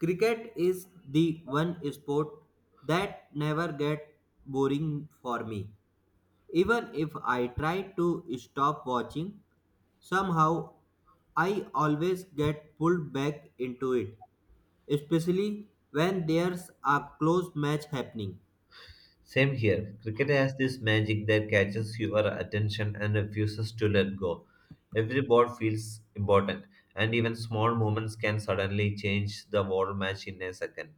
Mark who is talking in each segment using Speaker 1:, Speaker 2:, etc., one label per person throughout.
Speaker 1: Cricket is the one sport that never get boring for me. Even if I try to stop watching, somehow I always get pulled back into it, especially when there's a close match happening.
Speaker 2: Same here. Cricket has this magic that catches your attention and refuses to let go. Every ball feels important, and even small moments can suddenly change the whole match in a second.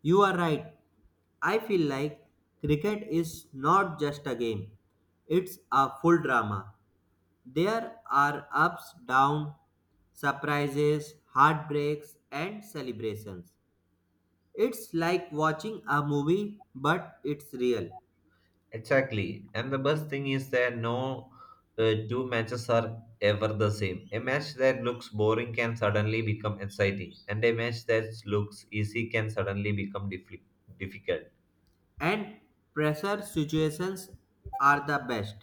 Speaker 1: You are right. I feel like cricket is not just a game, it's a full drama. There are ups, downs, surprises, heartbreaks, and celebrations. It's like watching a movie, but it's real.
Speaker 2: Exactly. And the best thing is that no two matches are ever the same. A match that looks boring can suddenly become exciting, and a match that looks easy can suddenly become difficult.
Speaker 1: And pressure situations are the best.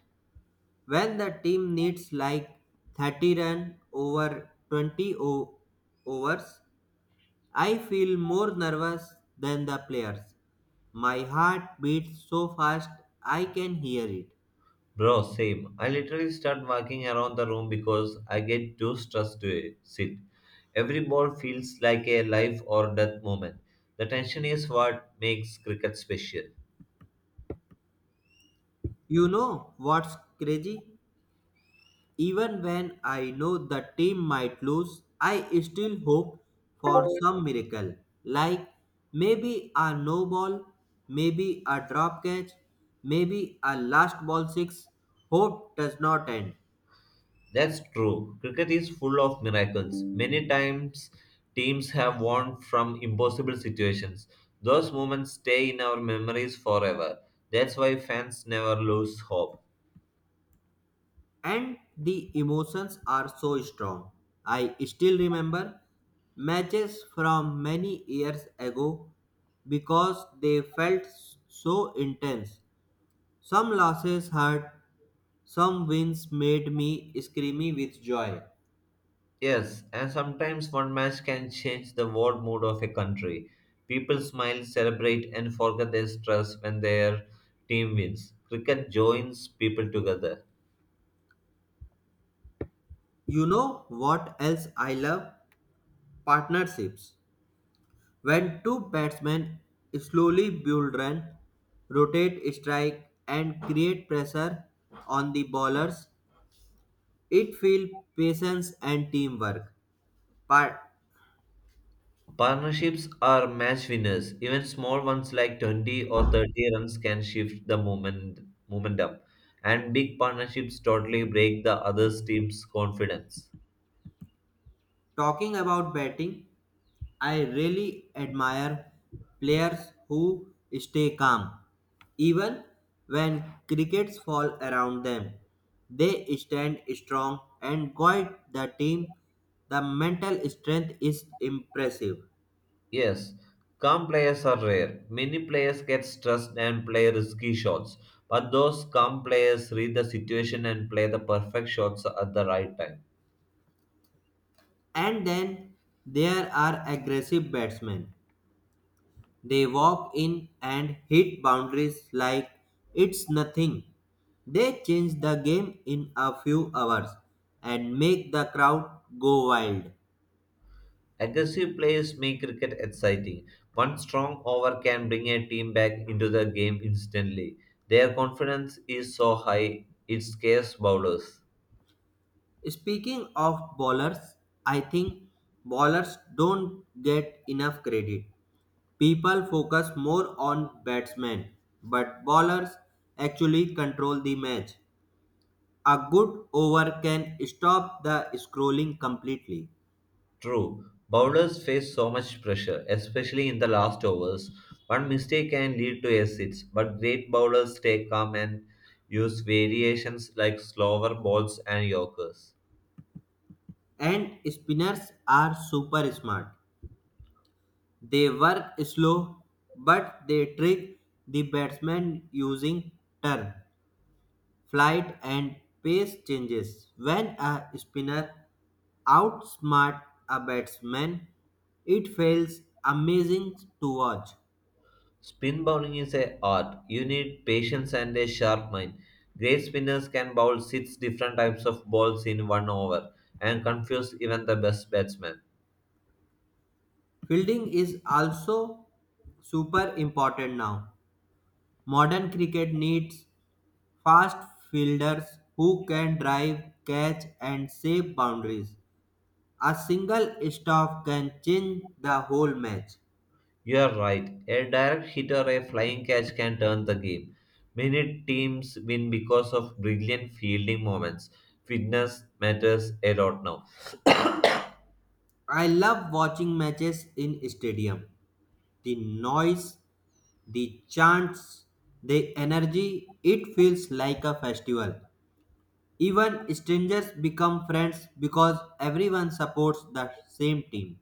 Speaker 1: When the team needs like 30 run over 20 overs, I feel more nervous than the players. My heart beats so fast I can hear it.
Speaker 2: Bro, same. I literally start walking around the room because I get too stressed to sit. Every ball feels like a life or death moment. The tension is what makes cricket special.
Speaker 1: You know what's crazy? Even when I know the team might lose, I still hope for some miracle. Like maybe a no ball, maybe a drop catch, maybe a last ball six. Hope does not end.
Speaker 2: That's true. Cricket is full of miracles. Many times, teams have won from impossible situations. Those moments stay in our memories forever. That's why fans never lose hope.
Speaker 1: And the emotions are so strong. I still remember matches from many years ago because they felt so intense. Some losses hurt, some wins made me screamy with joy.
Speaker 2: Yes, and sometimes one match can change the world mood of a country. People smile, celebrate, and forget their stress when their team wins. Cricket joins people together.
Speaker 1: You know what else I love? Partnerships. When two batsmen slowly build run, rotate strike and create pressure on the bowlers, it feels patience and teamwork. But
Speaker 2: Partnerships are match winners. Even small ones like 20 or 30 runs can shift the moment, momentum. And big partnerships totally break the other team's confidence.
Speaker 1: talking about batting, I really admire players who stay calm, even when crickets fall around them. They stand strong and guide the team. The mental strength is impressive.
Speaker 2: Yes, calm players are rare. Many players get stressed and play risky shots, but those calm players read the situation and play the perfect shots at the right time.
Speaker 1: And then there are aggressive batsmen. They walk in and hit boundaries like it's nothing. They change the game in a few hours and make the crowd go wild.
Speaker 2: Aggressive players make cricket exciting. One strong over can bring a team back into the game instantly. Their confidence is so high, it scares bowlers.
Speaker 1: Speaking of bowlers, I think bowlers don't get enough credit. People focus more on batsmen, but bowlers actually control the match. A good over can stop the scrolling completely.
Speaker 2: True, bowlers face so much pressure, especially in the last overs. One mistake can lead to a six, but great bowlers stay calm and use variations like slower balls and yorkers.
Speaker 1: And spinners are super smart. They work slow, but they trick the batsman using turn, flight and pace changes. When a spinner outsmarts a batsman, it feels amazing to watch.
Speaker 2: Spin bowling is a art. You need patience and a sharp mind. Great spinners can bowl six different types of balls in one over and confuse even the best batsmen.
Speaker 1: Fielding is also super important now. Modern cricket needs fast fielders who can drive, catch, and save boundaries. A single stop can change the whole match.
Speaker 2: You are right. A direct hit or a flying catch can turn the game. Many teams win because of brilliant fielding moments. Fitness matters a lot now.
Speaker 1: I love watching matches in stadium. The noise, the chants, the energy, it feels like a festival. Even strangers become friends because everyone supports the same team.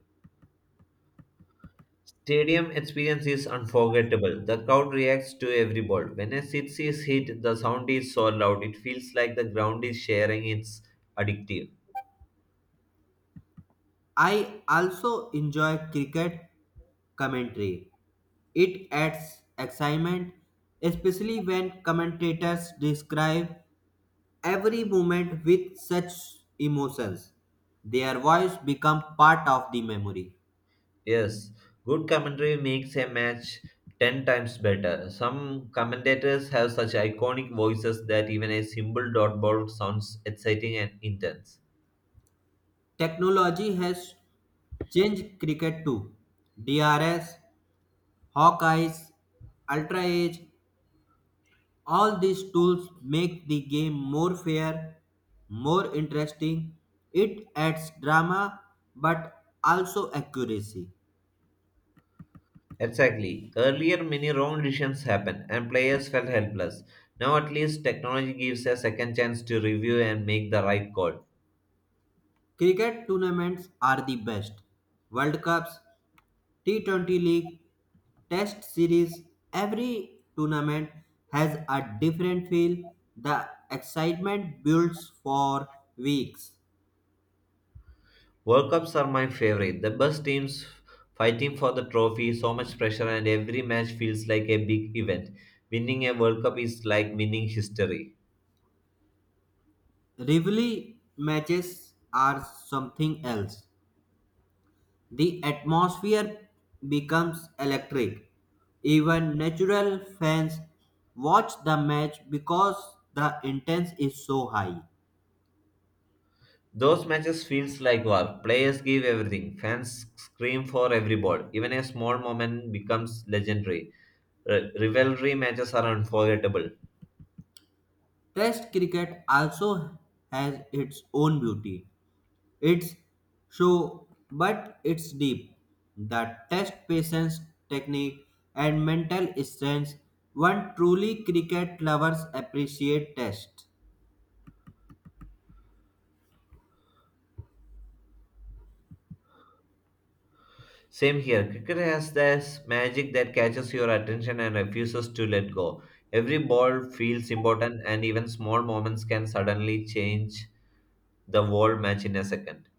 Speaker 2: Stadium experience is unforgettable. The crowd reacts to every ball. When a six is hit, the sound is so loud it feels like the ground is sharing. It's addictive.
Speaker 1: I also enjoy cricket commentary. It adds excitement, especially when commentators describe every moment with such emotions. Their voice become part of the memory.
Speaker 2: Yes, good commentary makes a match 10 times better. Some commentators have such iconic voices that even a simple dot ball sounds exciting and intense.
Speaker 1: Technology has changed cricket too. DRS, Hawkeyes, Ultra Edge, all these tools make the game more fair, more interesting. It adds drama but also accuracy.
Speaker 2: Exactly. Earlier, many wrong decisions happened and players felt helpless. Now, at least, technology gives a second chance to review and make the right call.
Speaker 1: Cricket tournaments are the best. World Cups, T20 League, Test Series, every tournament has a different feel. The excitement builds for weeks.
Speaker 2: World Cups are my favorite. The best teams fighting for the trophy, so much pressure, and every match feels like a big event. Winning a World Cup is like winning history.
Speaker 1: Rivalry matches are something else. The atmosphere becomes electric. Even natural fans watch the match because the intense is so high.
Speaker 2: Those matches feels like war. Players give everything. Fans scream for every ball. Even a small moment becomes legendary. Rivalry matches are unforgettable.
Speaker 1: Test cricket also has its own beauty. It's show, but it's deep. The test patience, technique, and mental strength. One truly cricket lovers appreciate test.
Speaker 2: Same here. Cricket has this magic that catches your attention and refuses to let go. Every ball feels important, and even small moments can suddenly change the whole match in a second.